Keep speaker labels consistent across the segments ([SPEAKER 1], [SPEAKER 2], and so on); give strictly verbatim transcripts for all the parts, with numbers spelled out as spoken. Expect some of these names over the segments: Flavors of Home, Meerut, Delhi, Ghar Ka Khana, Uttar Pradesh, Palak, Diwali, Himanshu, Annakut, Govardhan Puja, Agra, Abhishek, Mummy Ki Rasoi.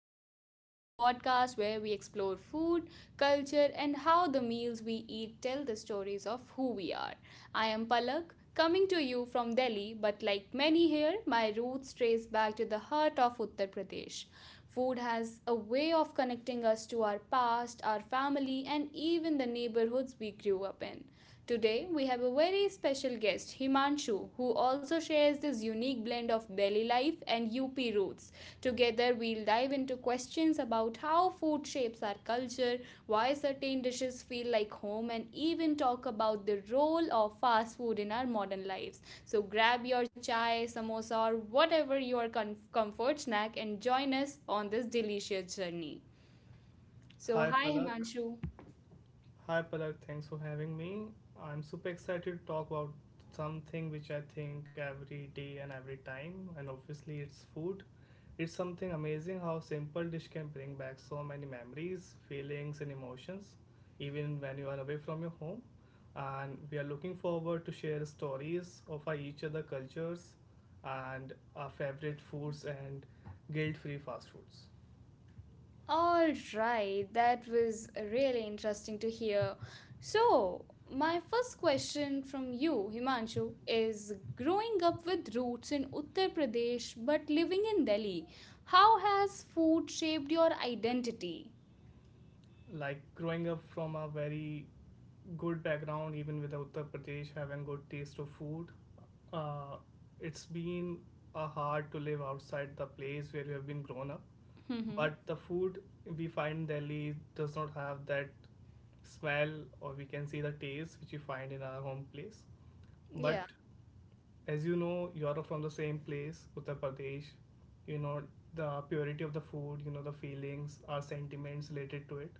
[SPEAKER 1] of Home, the podcast where we explore food, culture, and how the meals we eat tell the stories of who we are. I am Palak, coming to you from Delhi, but like many here, my roots trace back to the heart of Uttar Pradesh. Food has a way of connecting us to our past, our family, and even the neighborhoods we grew up in. Today, we have a very special guest, Himanshu, who also shares this unique blend of Delhi life and U P roots. Together, we'll dive into questions questions about how food shapes our culture, why certain dishes feel like home, and even talk about the role of fast food in our modern lives. So grab your chai, samosa, or whatever your com- comfort snack and join us on this delicious journey. So,
[SPEAKER 2] Hi
[SPEAKER 1] hi
[SPEAKER 2] Palak.
[SPEAKER 1] Himanshu.
[SPEAKER 2] Hi Palak, thanks for having me. I'm super excited to talk about something which I think every day and every time, and obviously it's food. It's something amazing how simple dish can bring back so many memories, feelings and emotions even when you are away from your home. And we are looking forward to share stories of our each other cultures and our favorite foods and guilt-free fast foods.
[SPEAKER 1] All right, that was really interesting to hear. So, my first question from you, Himanshu, is growing up with roots in Uttar Pradesh but living in Delhi, how has food shaped your identity?
[SPEAKER 2] Like growing up from a very good background, even with Uttar Pradesh having good taste of food, uh, it's been uh, hard to live outside the place where we have been grown up.
[SPEAKER 1] Hmm.
[SPEAKER 2] But the food we find in Delhi does not have that smell, or we can say the taste which we find in our home place. But
[SPEAKER 1] Yeah.
[SPEAKER 2] as you know, you are from the same place, Uttar Pradesh. You know the purity of the food, you know the feelings, our sentiments related to it,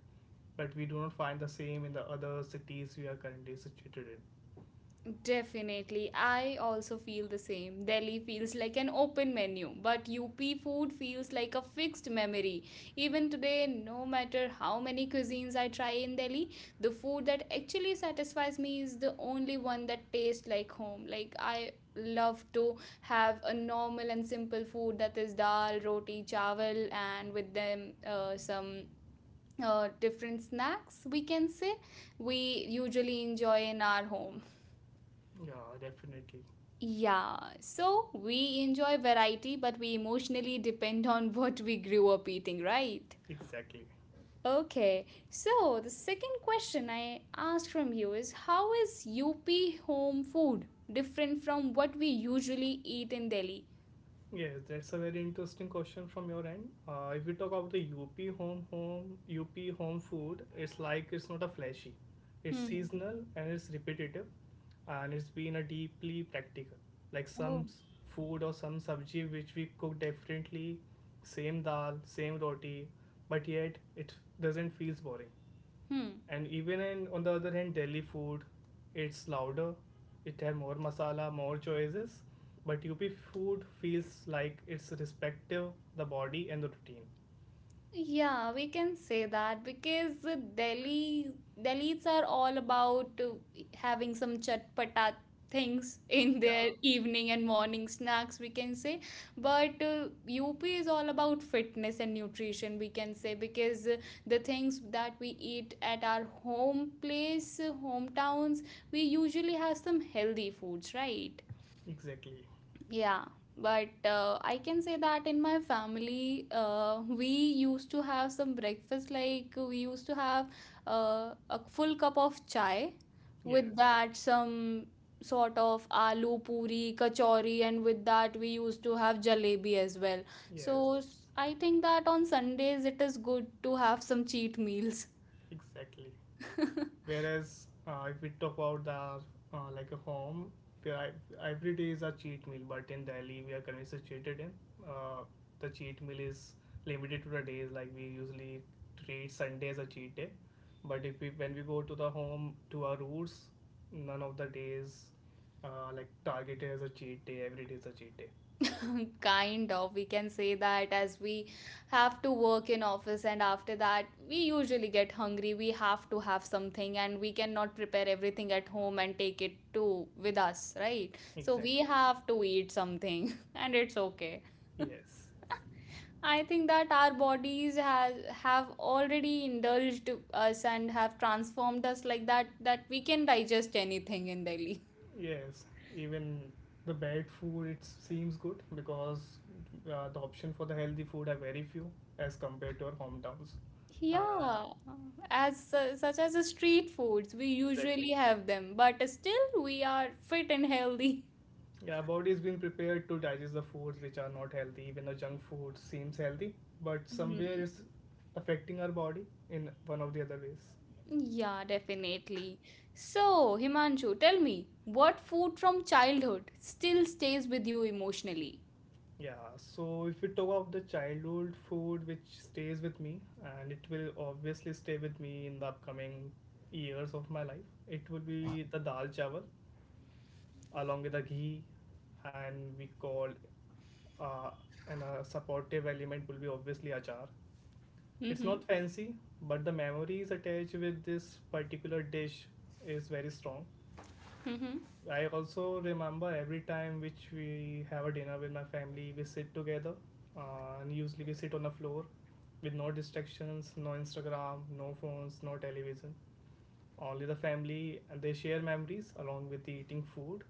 [SPEAKER 2] but we do not find the same in the other cities we are currently situated in.
[SPEAKER 1] Definitely. I also feel the same. Delhi feels like an open menu, but U P food feels like a fixed memory. Even today, no matter how many cuisines I try in Delhi, the food that actually satisfies me is the only one that tastes like home. Like, I love to have a normal and simple food that is dal, roti, chawal, and with them uh, some. Uh, different snacks we can say we usually enjoy in our home.
[SPEAKER 2] Yeah, definitely.
[SPEAKER 1] Yeah, so we enjoy variety, but we emotionally depend on what we grew up eating, right?
[SPEAKER 2] Exactly.
[SPEAKER 1] Okay, so the second question I asked from you is, how is U P home food different from what we usually eat in Delhi?
[SPEAKER 2] Yes, that's a very interesting question from your end. Uh, if we talk about the U P home home U P home food, it's like it's not a flashy. It's
[SPEAKER 1] Hmm.
[SPEAKER 2] seasonal and it's repetitive, and it's been a deeply practical. Like some
[SPEAKER 1] Oh.
[SPEAKER 2] s- food or some sabji which we cook differently, same dal, same roti, but yet it doesn't feels boring.
[SPEAKER 1] Hmm.
[SPEAKER 2] And even in, on the other hand, Delhi food, it's louder, it has more masala, more choices. But U P food feels like it's respective the body and the routine.
[SPEAKER 1] Yeah, we can say that because Delhi Delhis are all about uh, having some chatpata things in their
[SPEAKER 2] Yeah,
[SPEAKER 1] evening and morning snacks, we can say. But uh, U P is all about fitness and nutrition, we can say, because uh, the things that we eat at our home place, uh, hometowns, we usually have some healthy foods, right?
[SPEAKER 2] exactly.
[SPEAKER 1] Yeah, but uh, I can say that in my family, uh, we used to have some breakfast. Like we used to have uh, a full cup of chai, with
[SPEAKER 2] Yes,
[SPEAKER 1] that some sort of aloo puri, kachori, and with that we used to have jalebi as well.
[SPEAKER 2] yes,
[SPEAKER 1] So s- I think that on Sundays it is good to have some cheat meals.
[SPEAKER 2] exactly. Whereas uh, if we talk about the uh, like a home, where I, every day is a cheat meal, but in Delhi we are currently situated in, uh, the cheat meal is limited to the days, like we usually treat Sunday as a cheat day, but if we when we go to the home to our roots, none of the days uh, like targeted as a cheat day. Every day is a cheat day.
[SPEAKER 1] Kind of we can say that, as we have to work in office and after that we usually get hungry, we have to have something and we cannot prepare everything at home and take it to with us, right? So we
[SPEAKER 2] Exactly.
[SPEAKER 1] have to eat something and it's okay.
[SPEAKER 2] Yes.
[SPEAKER 1] I think that our bodies has have already indulged us and have transformed us like that, that we can digest anything in Delhi.
[SPEAKER 2] Yes, even the bad food it seems good because uh, the option for the healthy food are very few as compared to our hometowns. Uh,
[SPEAKER 1] Yeah, as su- such as the street foods, we
[SPEAKER 2] exactly.
[SPEAKER 1] usually have them, but still we are fit and healthy.
[SPEAKER 2] Yeah, body's been prepared to digest the foods which are not healthy. Even the junk food seems healthy, but somewhere
[SPEAKER 1] Mhm.
[SPEAKER 2] it's affecting our body in one of the other ways.
[SPEAKER 1] Yeah, definitely. So, Himanshu, tell me, what food from childhood still stays with you emotionally?
[SPEAKER 2] Yeah, so if we talk about the childhood food which stays with me, and it will obviously stay with me in the upcoming years of my life, it would be the dal chawal along with the ghee, and we call, uh, and a supportive element will be obviously achar. It's
[SPEAKER 1] Mm-hmm.
[SPEAKER 2] not fancy, but the memories attached with this particular dish is very strong.
[SPEAKER 1] Mm-hmm.
[SPEAKER 2] I also remember every time which we have a dinner with my family, we sit together, uh, and usually we sit on the floor with no distractions, no Instagram, no phones, no television. Only the family, and they share memories along with eating food,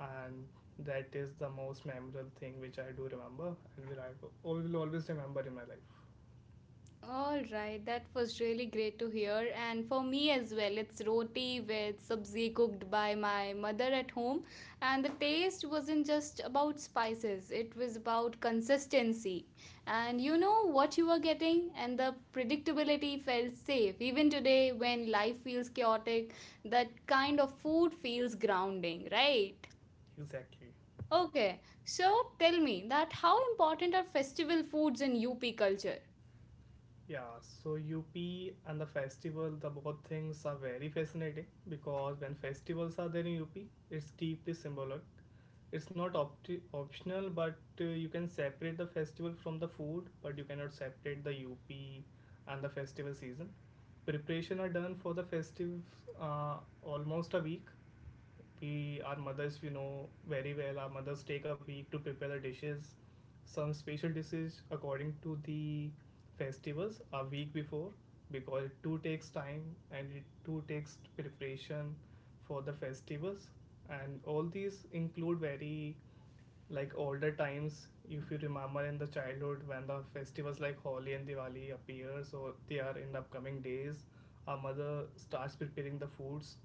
[SPEAKER 2] and that is the most memorable thing which I do remember and will I will always remember in my life.
[SPEAKER 1] All right, that was really great to hear. And for me as well, it's roti with sabzi cooked by my mother at home. And the taste wasn't just about spices, it was about consistency. And you know what you were getting, and the predictability felt safe. Even today, when life feels chaotic, that kind of food feels grounding, right?
[SPEAKER 2] Exactly.
[SPEAKER 1] Okay, so tell me that, how important are festival foods in U P culture?
[SPEAKER 2] Yeah, so U P and the festival, the both things are very fascinating because when festivals are there in U P, it's deeply symbolic. It's not opti optional, but uh, you can separate the festival from the food, but you cannot separate the U P and the festival season. Preparation are done for the festive, uh, almost a week, we our mothers, we know very well our mothers take a week to prepare the dishes, some special dishes according to the festivals a week before, because it too takes time and it too takes preparation for the festivals, and all these include very, like older times if you remember in the childhood when the festivals like Holi and Diwali appear, so they are in the upcoming days, our mother starts preparing the foods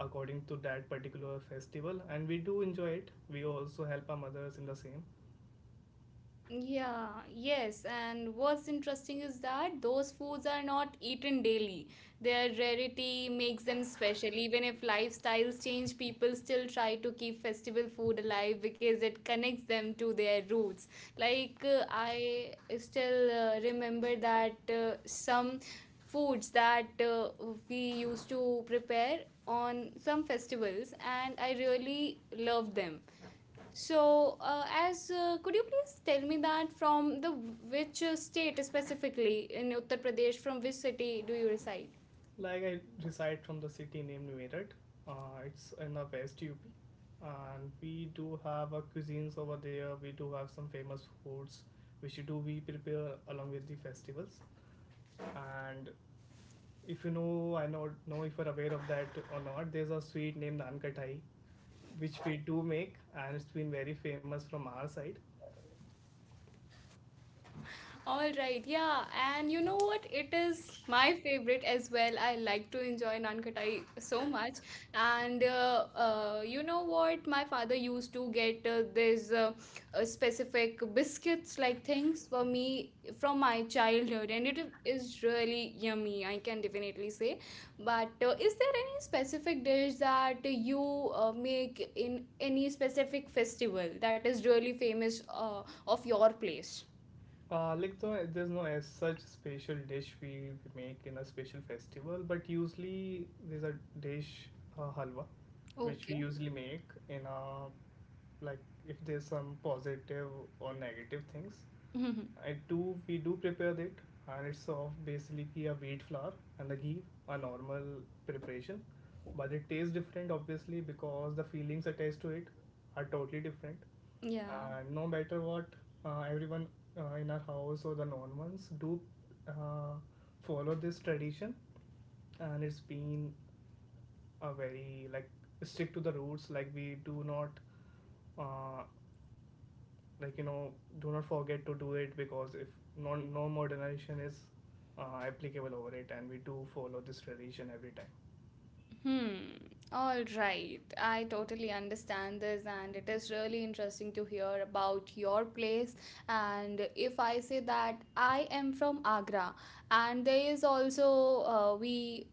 [SPEAKER 2] according to that particular festival, and we do enjoy it, we also help our mothers in the same.
[SPEAKER 1] Yeah, yes, and what's interesting is that those foods are not eaten daily. Their rarity makes them special. Even if lifestyles change, people still try to keep festival food alive because it connects them to their roots. Like, uh, I still uh, remember that uh, some foods that uh, we used to prepare on some festivals, and I really loved them. So, uh, as uh, could you please tell me that, from the which uh, state specifically in Uttar Pradesh, from which city do you reside?
[SPEAKER 2] Like I reside from the city named Meerut, uh, it's in the west UP, and we do have our cuisines over there, we do have some famous foods which do we prepare along with the festivals, and if you know, i know know if you're aware of that or not, there's a sweet named Nankathai which we do make, and it's been very famous from our side.
[SPEAKER 1] All right, yeah, and you know what? It is my favorite as well. I like to enjoy naan khatai so much, and uh, uh, you know what? My father used to get uh, these uh, uh, specific biscuits like things for me from my childhood, and it is really yummy. I can definitely say. But uh, is there any specific dish that you uh, make in any specific festival that is really famous uh, of your place?
[SPEAKER 2] uh, like the, there's no as such special dish we make in a special festival, but usually there's a dish, uh, halwa, which we usually make in a, like if there's some positive or negative things,
[SPEAKER 1] Hmm.
[SPEAKER 2] I do we do prepare it, and it's of basically a wheat flour and the ghee, a normal preparation. But it tastes different obviously because the feelings attached to it are totally different.
[SPEAKER 1] Yeah.
[SPEAKER 2] And no matter what, uh, everyone uh, in our house or the non ones do uh, follow this tradition, and it's been a very like stick to the roots. Like we do not, uh, like you know, do not forget to do it, because if no no modernization is uh, applicable over it, and we do follow this tradition every time.
[SPEAKER 1] Hmm. All right. I totally understand this, and it is really interesting to hear about your place. And if I say that I am from Agra, and there is also, uh, we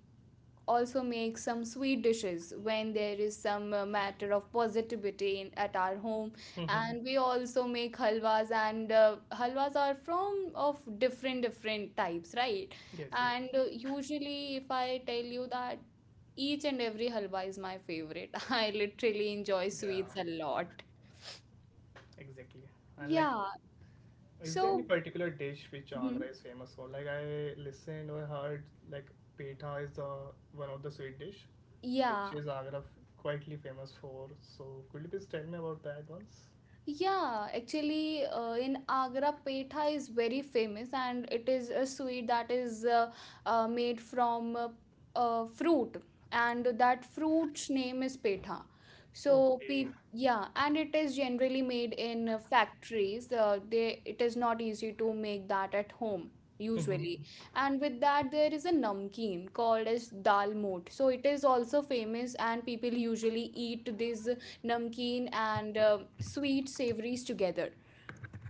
[SPEAKER 1] also make some sweet dishes when there is some uh, matter of positivity in, at our home,
[SPEAKER 2] Mhm.
[SPEAKER 1] and we also make halwas and uh, halwas are from of different different types, right?
[SPEAKER 2] Yes, yes.
[SPEAKER 1] And uh, usually, if I tell you that each and every halwa is my favorite, I literally enjoy
[SPEAKER 2] Yeah,
[SPEAKER 1] sweets a lot.
[SPEAKER 2] exactly. And like,
[SPEAKER 1] Yeah,
[SPEAKER 2] is there any
[SPEAKER 1] so.
[SPEAKER 2] particular dish which
[SPEAKER 1] Mhm.
[SPEAKER 2] Agra is famous for? Like I listened or heard like petha is the one of the sweet dish which
[SPEAKER 1] Yeah.
[SPEAKER 2] is Agra f- quietly famous for, so could you please tell me about that once?
[SPEAKER 1] Yeah, actually, uh, in Agra, petha is very famous, and it is a sweet that is uh, uh, made from uh, uh, fruit, and that fruit's name is petha. So,
[SPEAKER 2] Okay.
[SPEAKER 1] pe Yeah, and it is generally made in uh, factories. Uh, they It is not easy to make that at home
[SPEAKER 2] Mm-hmm.
[SPEAKER 1] usually, and with that there is a namkeen called as dal mote. So it is also famous, and people usually eat this namkeen and um sweet savories together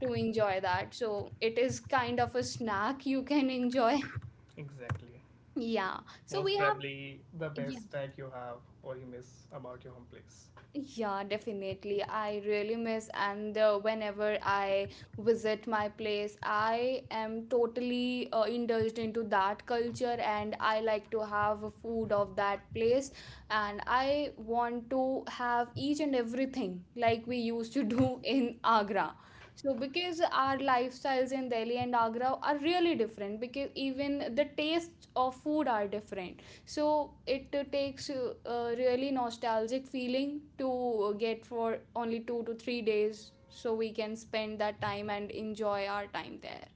[SPEAKER 1] to enjoy that. So it is kind of a snack you can enjoy.
[SPEAKER 2] Exactly.
[SPEAKER 1] Yeah. So
[SPEAKER 2] Most
[SPEAKER 1] we have.
[SPEAKER 2] probably the best snack you have or you miss about your home place.
[SPEAKER 1] Yeah, definitely. I really miss, and uh, whenever I visit my place, I am totally uh, indulged into that culture, and I like to have a food of that place, and I want to have each and everything like we used to do in Agra. So, because our lifestyles in Delhi and Agra are really different, because even the tastes of food are different, so it uh, takes uh, a really nostalgic feeling to uh, get for only two to three days, so we can spend that time and enjoy our time there.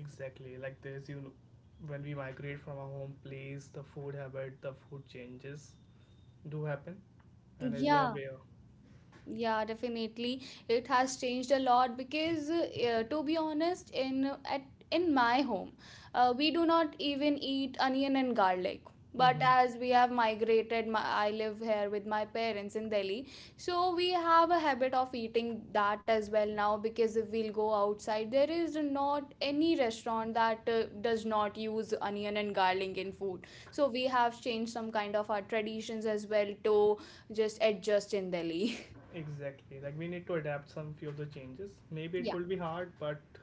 [SPEAKER 2] Exactly, like this you know, when we migrate from our home place the food habit, the food changes do happen, and as you are
[SPEAKER 1] Yeah,
[SPEAKER 2] aware.
[SPEAKER 1] yeah, definitely, it has changed a lot because, uh, to be honest, in at in my home, uh, we do not even eat onion and garlic. But
[SPEAKER 2] Hmm.
[SPEAKER 1] as we have migrated, my, I live here with my parents in Delhi, so we have a habit of eating that as well now, because if we'll go outside there is not any restaurant that uh, does not use onion and garlic in food. So we have changed some kind of our traditions as well to just adjust in Delhi.
[SPEAKER 2] Exactly, like we need to adapt some few of the changes, maybe it
[SPEAKER 1] Yeah.
[SPEAKER 2] will be hard, but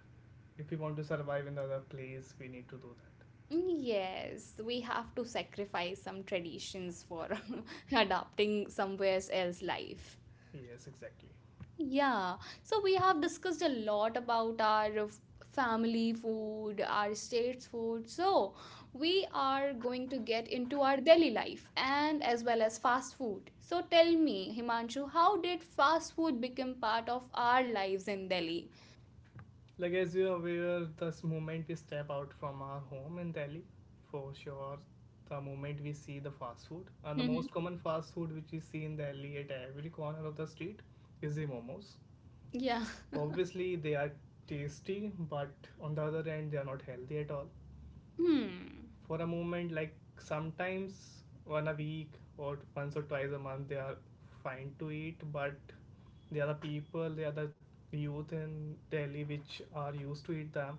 [SPEAKER 2] if we want to survive in the other place we need to do that.
[SPEAKER 1] Yes, we have to sacrifice some traditions for adapting somewhere else life.
[SPEAKER 2] Yes, exactly.
[SPEAKER 1] Yeah, so we have discussed a lot about our f- family food, our state's food. So we are going to get into our daily life and as well as fast food. So tell me, Himanshu, how did fast food become part of our lives in Delhi?
[SPEAKER 2] Like as you're aware, this moment we step out from our home in Delhi, for sure, the moment we see the fast food, and the
[SPEAKER 1] Hmm.
[SPEAKER 2] most common fast food which we see in Delhi at every corner of the street is the momos.
[SPEAKER 1] Yeah.
[SPEAKER 2] Obviously, they are tasty, but on the other hand, they are not healthy at all.
[SPEAKER 1] Hmm.
[SPEAKER 2] For a moment like sometimes one a week or once or twice a month they are fine to eat, but the other people, the other youth in Delhi which are used to eat them,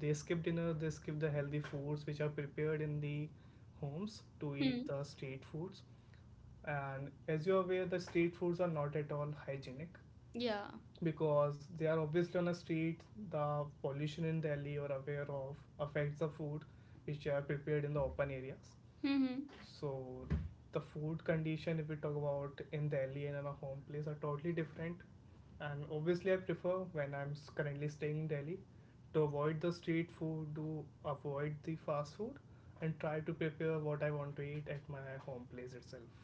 [SPEAKER 2] they skip dinner, they skip the healthy foods which are prepared in the homes to eat
[SPEAKER 1] Hmm.
[SPEAKER 2] the street foods. And as you're aware the street foods are not at all hygienic,
[SPEAKER 1] Yeah.
[SPEAKER 2] because they are obviously on a street, the pollution in Delhi or aware of affects the food which are prepared in the open areas.
[SPEAKER 1] Hmm.
[SPEAKER 2] So the food condition if we talk about in Delhi and in a home place are totally different, and obviously I prefer when i'm s- currently staying in Delhi to avoid the street food, to avoid the fast food, and try to prepare what I want to eat at my home place itself.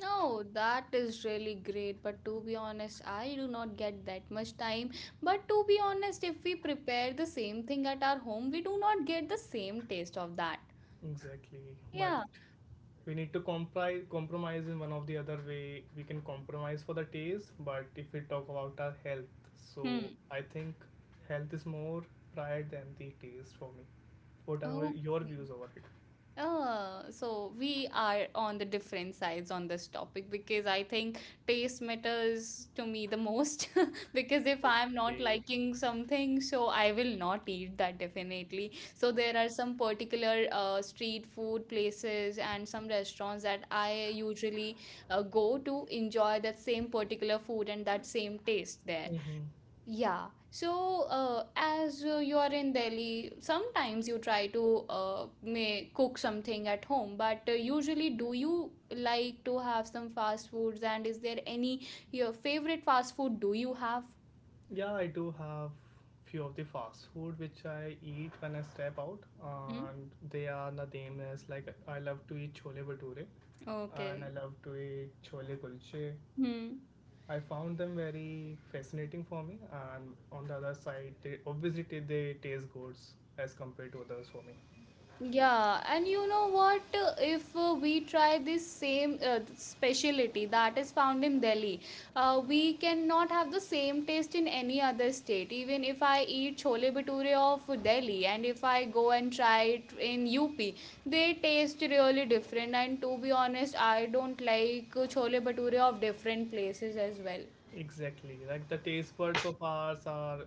[SPEAKER 1] No, that is really great. But to be honest, I do not get that much time. But to be honest, if we prepare the same thing at our home, we do not get the same taste of that.
[SPEAKER 2] Exactly. But
[SPEAKER 1] Yeah.
[SPEAKER 2] we need to compri- compromise in one of the other way. We can compromise for the taste, but if we talk about our health,
[SPEAKER 1] Hmm.
[SPEAKER 2] so I think health is more prior than the taste for me. What are your
[SPEAKER 1] Okay.
[SPEAKER 2] views over it?
[SPEAKER 1] Uh, so we are on the different sides on this topic because I think taste matters to me the most, because if I'm not
[SPEAKER 2] Okay.
[SPEAKER 1] liking something, so I will not eat that, definitely. So there are some particular uh, street food places and some restaurants that I usually uh, go to enjoy that same particular food and that same taste there.
[SPEAKER 2] Okay. Mm-hmm.
[SPEAKER 1] Yeah. So, uh, as uh, you are in Delhi, sometimes you try to uh, may cook something at home, but uh, usually do you like to have some fast foods, and is there any your favorite fast food do you have?
[SPEAKER 2] Yeah, I do have few of the fast food which I eat when I step out,
[SPEAKER 1] Hmm?
[SPEAKER 2] and they are the same as like I love to eat chole bhature, and I
[SPEAKER 1] Okay.
[SPEAKER 2] love to eat chole kulche,
[SPEAKER 1] Hmm.
[SPEAKER 2] I found them very fascinating for me, and on the other side, they obviously ta- they taste good as compared to others for me.
[SPEAKER 1] Yeah, and you know what? uh, If uh, we try this same uh, specialty that is found in Delhi, uh, we cannot have the same taste in any other state. Even if I eat chole bhature of Delhi and if I go and try it in U P, they taste really different. And to be honest, I don't like uh, chole bhature of different places as well.
[SPEAKER 2] Exactly, like the taste buds of ours are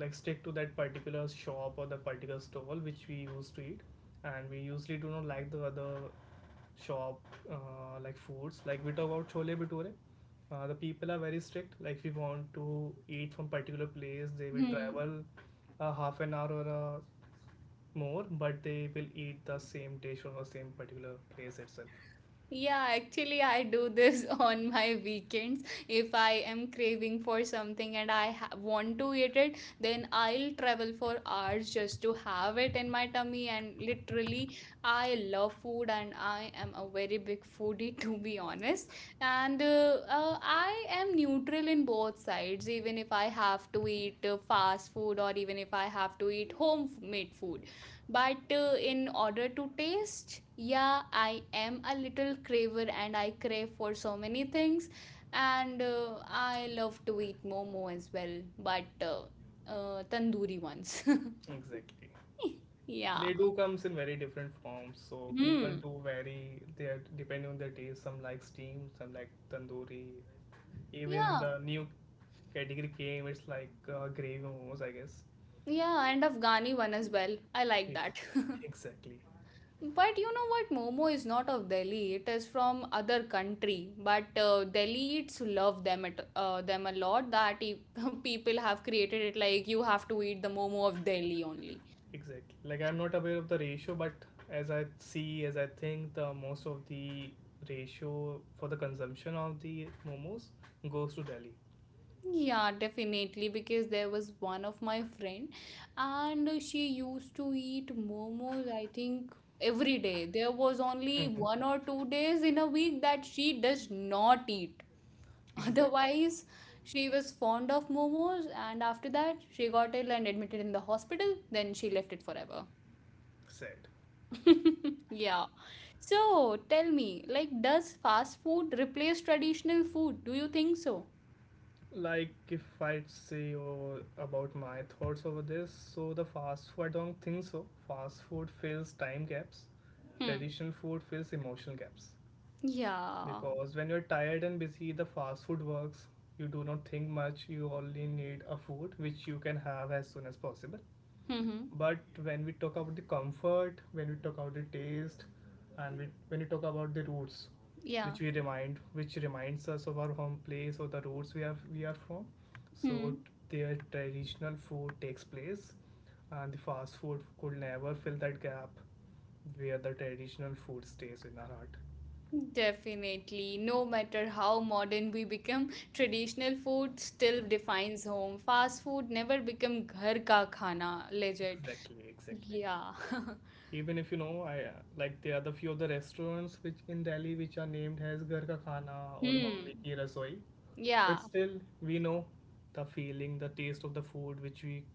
[SPEAKER 2] like stick to that particular shop or the particular stall which we used to eat, and we usually do not like the other shop, uh, like foods. Like we talk about chole bhature, uh, the people are very strict. Like if we want to eat from particular place, they will
[SPEAKER 1] Hmm.
[SPEAKER 2] travel a half an hour or a more, but they will eat the same dish or the same particular place itself.
[SPEAKER 1] Yeah, actually, I do this on my weekends. If I am craving for something and I ha- want to eat it, then I'll travel for hours just to have it in my tummy. And literally, I love food and I am a very big foodie, to be honest. And uh, uh, I am neutral in both sides, even if I have to eat uh, fast food or even if I have to eat homemade food but uh, in order to taste. Yeah, I am a little craver and I crave for so many things, and uh, I love to eat momo as well but uh, uh, tandoori ones.
[SPEAKER 2] Exactly.
[SPEAKER 1] Yeah.
[SPEAKER 2] They do comes in very different forms, so people
[SPEAKER 1] Hmm.
[SPEAKER 2] do vary their depending on their taste. Some like steam, some like tandoori. Even
[SPEAKER 1] Yeah,
[SPEAKER 2] the new category came, it's like uh, gravy momos, I guess.
[SPEAKER 1] yeah, and afghani one as well, I like
[SPEAKER 2] Ex-
[SPEAKER 1] that.
[SPEAKER 2] Exactly.
[SPEAKER 1] But you know what? Momo is not of Delhi. It is from other country. But uh, Delhiites love them it, uh, them a lot. That e- people have created it like you have to eat the Momo of Delhi only.
[SPEAKER 2] Exactly. Like I'm not aware of the ratio, but as I see, as I think, the most of the ratio for the consumption of the momos goes to Delhi.
[SPEAKER 1] Yeah, definitely because there was one of my friend and she used to eat momos, I think every day. There was only
[SPEAKER 2] Hmm.
[SPEAKER 1] one or two days in a week that she does not eat.
[SPEAKER 2] Exactly
[SPEAKER 1] Otherwise, she was fond of momos, and after that she got ill and admitted in the hospital, then she left it forever.
[SPEAKER 2] said.
[SPEAKER 1] Yeah. So tell me, like, does fast food replace traditional food? Do you think so?
[SPEAKER 2] Like if I say over, about my thoughts over this, so the fast food I don't think so. Fast food fills time gaps.
[SPEAKER 1] Hmm.
[SPEAKER 2] Traditional food fills emotional gaps.
[SPEAKER 1] Yeah.
[SPEAKER 2] Because when you're tired and busy, the fast food works. You do not think much. You only need a food which you can have as soon as possible.
[SPEAKER 1] Mm-hmm.
[SPEAKER 2] But when we talk about the comfort, when we talk about the taste, and we, when we talk about the roots,
[SPEAKER 1] Yeah.
[SPEAKER 2] which we remind, which reminds us of our home place or the roots we have we are from, so
[SPEAKER 1] Hmm.
[SPEAKER 2] their traditional food takes place, and the fast food could never fill that gap where the traditional food stays in our heart.
[SPEAKER 1] Definitely. No matter how modern we become, traditional food still defines home. Fast food never become घर का खाना, legit.
[SPEAKER 2] Exactly, exactly.
[SPEAKER 1] Yeah.
[SPEAKER 2] Even if you know, I uh, like, there are the few of the restaurants which in Delhi which are named as Ghar Ka Khana or Mummy
[SPEAKER 1] Hmm.
[SPEAKER 2] Ki Rasoi. But
[SPEAKER 1] Yeah.
[SPEAKER 2] still, we know the feeling, the taste of the food which we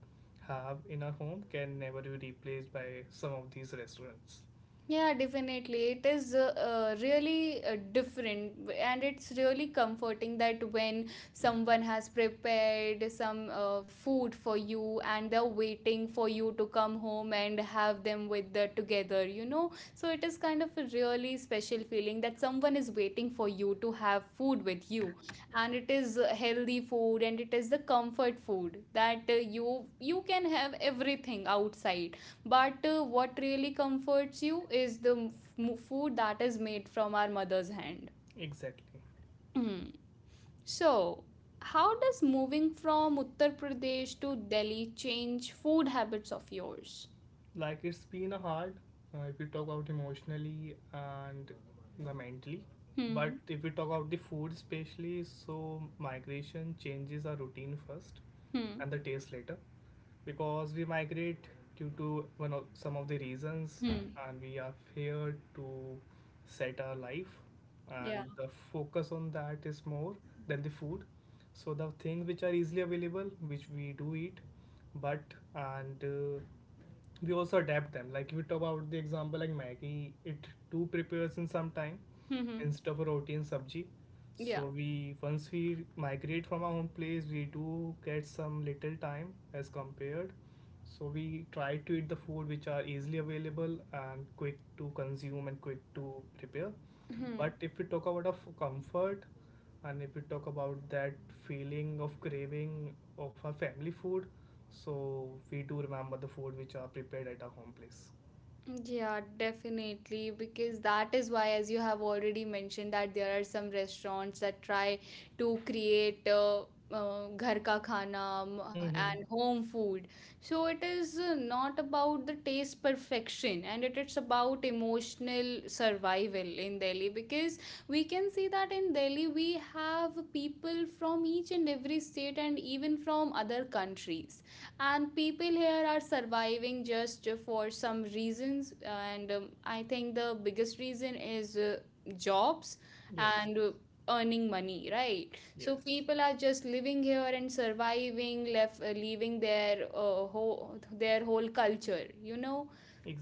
[SPEAKER 2] have in our home can never be replaced by some of these restaurants.
[SPEAKER 1] Yeah, definitely. It is uh, uh, really uh, different, and it's really comforting that when someone has prepared some uh, food for you and they're waiting for you to come home and have them with the together, you know. So it is kind of a really special feeling that someone is waiting for you to have food with you, and it is uh, healthy food and it is the comfort food that uh, you you can have everything outside but uh, what really comforts you is the f- m- food that is made from our mother's hand.
[SPEAKER 2] Exactly.
[SPEAKER 1] Hmm. So how does moving from Uttar Pradesh to Delhi change food habits of yours?
[SPEAKER 2] Like, it's been a hard, uh, if we talk about emotionally and the mentally. But
[SPEAKER 1] Hmm.
[SPEAKER 2] if we talk about the food especially, so migration changes our routine first
[SPEAKER 1] Hmm.
[SPEAKER 2] and the taste later, because we migrate due to one of some of the reasons,
[SPEAKER 1] Hmm.
[SPEAKER 2] and we are here to set our life,
[SPEAKER 1] Yeah.
[SPEAKER 2] and the focus on that is more than the food. So the things which are easily available, which we do eat, but and uh, we also adapt them. Like if we talk about the example like Maggie, it too prepares in some time,
[SPEAKER 1] Hmm. Hmm.
[SPEAKER 2] instead of roti and sabji.
[SPEAKER 1] Yeah.
[SPEAKER 2] So we once we migrate from our home place, we do get some little time as compared, so we try to eat the food which are easily available and quick to consume and quick to prepare.
[SPEAKER 1] Hmm.
[SPEAKER 2] But if we talk about of comfort, and if we talk about that feeling of craving of our family food, so we do remember the food which are prepared at our home place.
[SPEAKER 1] Yeah, definitely. Because that is why, as you have already mentioned, that there are some restaurants that try to create uh, uh, ghar ka khana um,
[SPEAKER 2] Mm-hmm.
[SPEAKER 1] and home food. So it is uh, not about the taste perfection, and it is about emotional survival in Delhi. Because we can see that in Delhi we have people from each and every state and even from other countries, and people here are surviving just for some reasons, and um, I think the biggest reason is uh, jobs
[SPEAKER 2] Yes.
[SPEAKER 1] and uh, earning money, right? So
[SPEAKER 2] Yes,
[SPEAKER 1] people are just living here and surviving left uh, leaving their uh, whole, their whole culture, you know.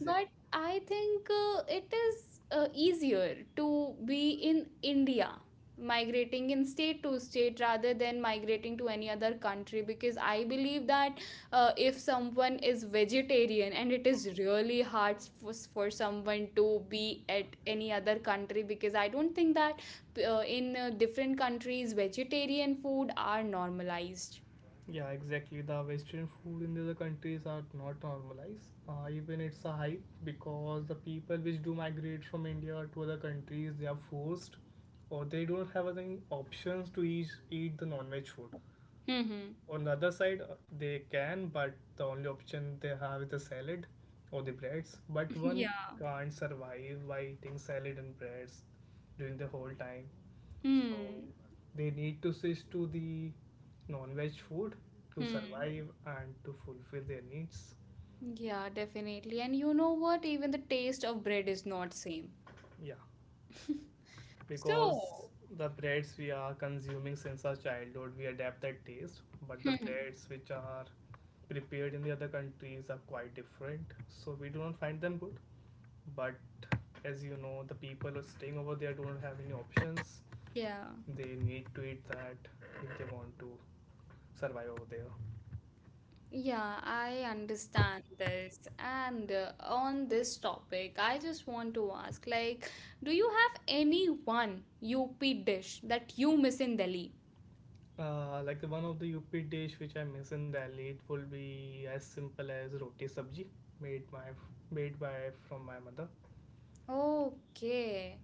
[SPEAKER 1] But I think uh, it is uh, easier to be in India, migrating in state to state rather than migrating to any other country, because I believe that uh, if someone is vegetarian and it is really hard for, for someone to be at any other country because I don't think that uh, in uh, different countries vegetarian food are normalized.
[SPEAKER 2] Yeah, exactly. The Western food in the other countries are not normalized. Uh, even it's a hype, because the people which do migrate from India to other countries, they are forced, or they don't have any options to eat, eat the non-veg food.
[SPEAKER 1] Mm-hmm.
[SPEAKER 2] On the other side, uh, they can, but the only option they have is the salad or the breads. But one
[SPEAKER 1] Yeah.
[SPEAKER 2] can't survive by eating salad and breads during the whole time, so
[SPEAKER 1] Hmm.
[SPEAKER 2] they need to switch to the non-veg food to
[SPEAKER 1] Hmm.
[SPEAKER 2] survive and to fulfill their needs.
[SPEAKER 1] Yeah, definitely. And you know what? Even the taste of bread is not same.
[SPEAKER 2] Yeah, because
[SPEAKER 1] So,
[SPEAKER 2] the breads we are consuming since our childhood, we adapt that taste, but the
[SPEAKER 1] hmm,
[SPEAKER 2] breads which are prepared in the other countries are quite different, so we do not find them good. But as you know, the people who are staying over there do not have any options.
[SPEAKER 1] yeah.
[SPEAKER 2] They need to eat that if they want to survive over there.
[SPEAKER 1] Yeah, I understand this. And uh, on this topic, I just want to ask, like, do you have any one U P dish that you miss in Delhi?
[SPEAKER 2] Uh, like, one of the U P dish which I miss in Delhi, it will be as simple as roti sabji made my made by from my mother.
[SPEAKER 1] Okay.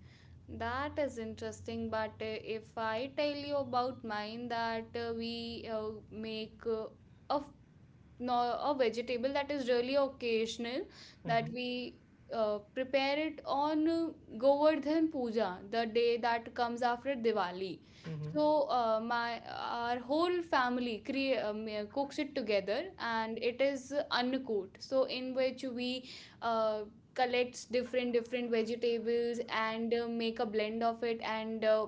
[SPEAKER 1] That is interesting, but uh, if I tell you about mine, that uh, we uh, make uh, a no- a vegetable that is really occasional, that
[SPEAKER 2] Mhm.
[SPEAKER 1] we uh, prepare it on uh, Govardhan Puja, the day that comes after Diwali.
[SPEAKER 2] Mm-hmm.
[SPEAKER 1] So uh, my our whole family crea- um, uh, cooks it together, and it is Annakut. So in which we uh, collects different different vegetables and uh, make a blend of it, and uh,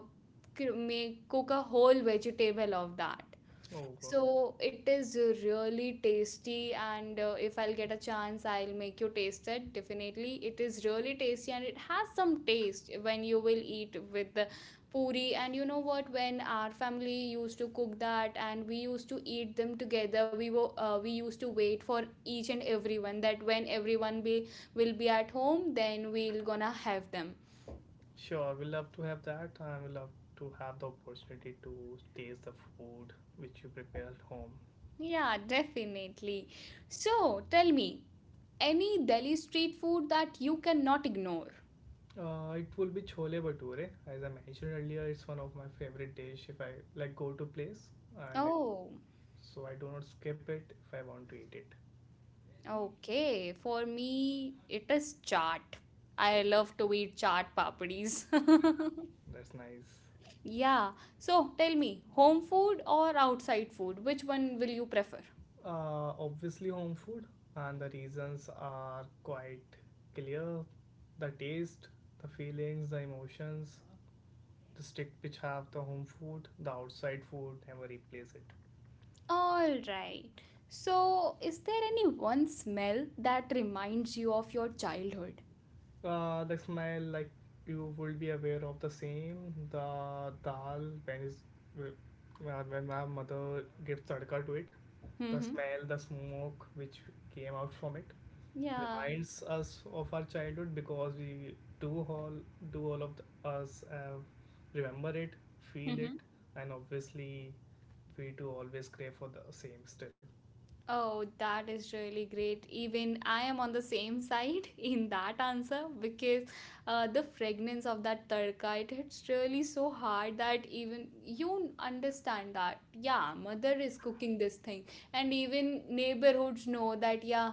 [SPEAKER 1] cr- make cook a whole vegetable of that.
[SPEAKER 2] Oh, go.
[SPEAKER 1] So it is really tasty, and uh, if I'll get a chance, I'll make you taste it. Definitely, it is really tasty, and it has some taste when you will eat with the puri. And you know what? When our family used to cook that, and we used to eat them together, we were uh, we used to wait for each and everyone. That when everyone be will be at home, then we'll gonna have them.
[SPEAKER 2] Sure, we love to have that. I would love to have the opportunity to taste the food which you prepare at home.
[SPEAKER 1] Yeah, definitely. So tell me, any Delhi street food that you cannot ignore?
[SPEAKER 2] Uh, it will be chole bhature. As I mentioned earlier, it's one of my favorite dish. If I like go to place, and if,
[SPEAKER 1] Oh,
[SPEAKER 2] so I do not skip it if I want to eat it.
[SPEAKER 1] okay. For me, it is chaat. I love to eat chaat papadis.
[SPEAKER 2] That's nice.
[SPEAKER 1] Yeah. So tell me, home food or outside food? Which one will you prefer?
[SPEAKER 2] Uh, obviously home food, and the reasons are quite clear. The taste, the feelings, the emotions, the stick which have the home food, the outside food, never replace it.
[SPEAKER 1] All right. So, is there any one smell that reminds you of your childhood?
[SPEAKER 2] Uh, the smell, like, you will be aware of the same. The dal when is uh, when my mother gives tadka to it, the
[SPEAKER 1] Mm-hmm.
[SPEAKER 2] smell, the smoke which came out from it
[SPEAKER 1] Yeah.
[SPEAKER 2] reminds us of our childhood, because we do all do all of the, us uh, remember it, feel it, and obviously we do always crave for the same still.
[SPEAKER 1] Oh, that is really great. Even I am on the same side in that answer because uh, the fragrance of that tadka, it hits really so hard that even you understand that yeah, mother is cooking this thing, and even neighborhoods know that yeah,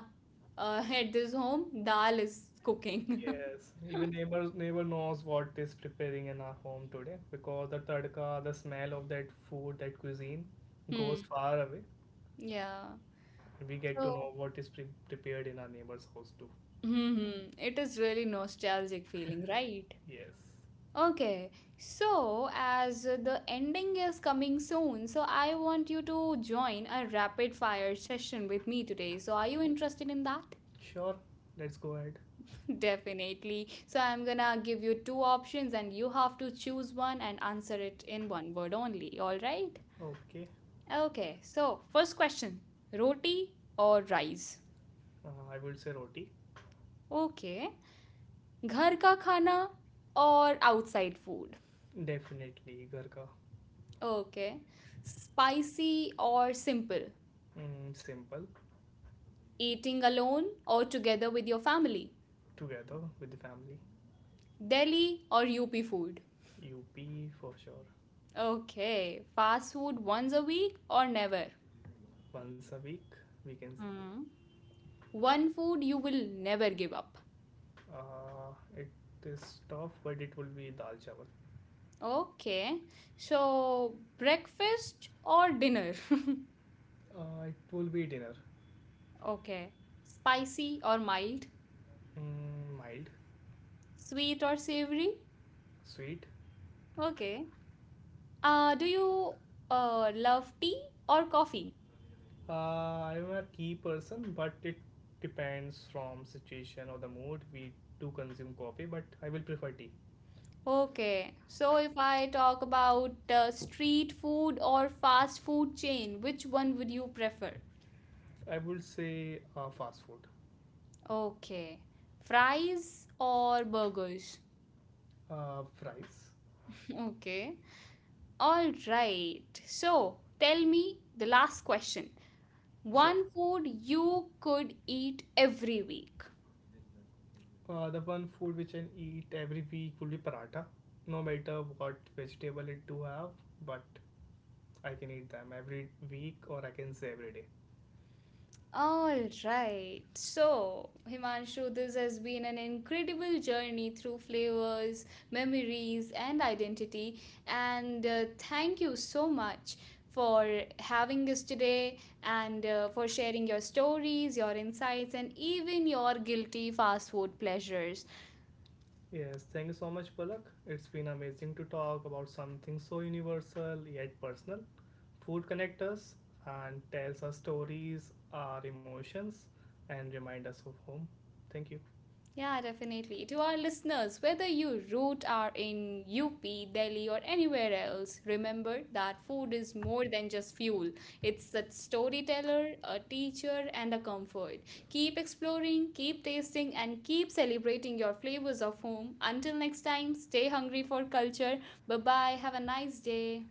[SPEAKER 1] uh, at this home dal is cooking.
[SPEAKER 2] Yes, even neighbor neighbor knows what is preparing in our home today, because the tadka, the smell of that food, that cuisine
[SPEAKER 1] Hmm.
[SPEAKER 2] goes far away.
[SPEAKER 1] Yeah.
[SPEAKER 2] We get to
[SPEAKER 1] So,
[SPEAKER 2] know what is pre prepared in our neighbor's house too.
[SPEAKER 1] hmm, hmm, it is really nostalgic feeling, right?
[SPEAKER 2] Yes.
[SPEAKER 1] Okay, so as the ending is coming soon, so I want you to join a rapid fire session with me today. So, are you interested in that?
[SPEAKER 2] Sure, let's go ahead.
[SPEAKER 1] Definitely. So, I'm gonna give you two options and you have to choose one and answer it in one word only. All right?
[SPEAKER 2] Okay,
[SPEAKER 1] Okay, so first question, roti or rice?
[SPEAKER 2] uh, I would say roti.
[SPEAKER 1] Okay. घर का खाना और outside food?
[SPEAKER 2] Definitely ghar ka.
[SPEAKER 1] Okay. Spicy or simple?
[SPEAKER 2] Mm, simple,
[SPEAKER 1] Eating alone or together with your family?
[SPEAKER 2] together with the family.
[SPEAKER 1] Delhi or U P food?
[SPEAKER 2] U P for sure.
[SPEAKER 1] Okay, fast food once a week or never?
[SPEAKER 2] Once a week, we can say.
[SPEAKER 1] Hmm. One food you will never give up.
[SPEAKER 2] Uh, it is tough, but it will be dal chawal.
[SPEAKER 1] Okay, so breakfast or dinner?
[SPEAKER 2] Uh, it will be dinner.
[SPEAKER 1] Okay, spicy or mild?
[SPEAKER 2] Mm, mild,
[SPEAKER 1] Sweet or savory?
[SPEAKER 2] sweet.
[SPEAKER 1] Okay. Uh, do you uh, love tea or coffee?
[SPEAKER 2] Uh, I'm a tea person, but it depends from situation or the mood. We do consume coffee, but I will prefer tea.
[SPEAKER 1] Okay, so if I talk about uh, street food or fast food chain, which one would you prefer?
[SPEAKER 2] I would say uh, fast food,
[SPEAKER 1] Okay, fries or burgers?
[SPEAKER 2] uh, fries,
[SPEAKER 1] Okay, all right. So tell me the last question.
[SPEAKER 2] sure.
[SPEAKER 1] One food you could eat every week.
[SPEAKER 2] Uh, the one food which I eat every week would be paratha. No matter what vegetable it do have, but I can eat them every week, or I can say every day.
[SPEAKER 1] All right. So, Himanshu, this has been an incredible journey through flavors, memories, and identity. And uh, thank you so much for having us today, and uh, for sharing your stories, your insights, and even your guilty fast food pleasures.
[SPEAKER 2] Yes, thank you so much, Palak. It's been amazing to talk about something so universal yet personal. Food connects us and tells us stories, our emotions, and remind us of home. Thank you.
[SPEAKER 1] Yeah, definitely. To our listeners, whether you root are in U P, Delhi, or anywhere else, remember that food is more than just fuel. It's a storyteller, a teacher, and a comfort. Keep exploring, keep tasting, and keep celebrating your flavors of home. Until next time, stay hungry for culture. Bye bye. Have a nice day.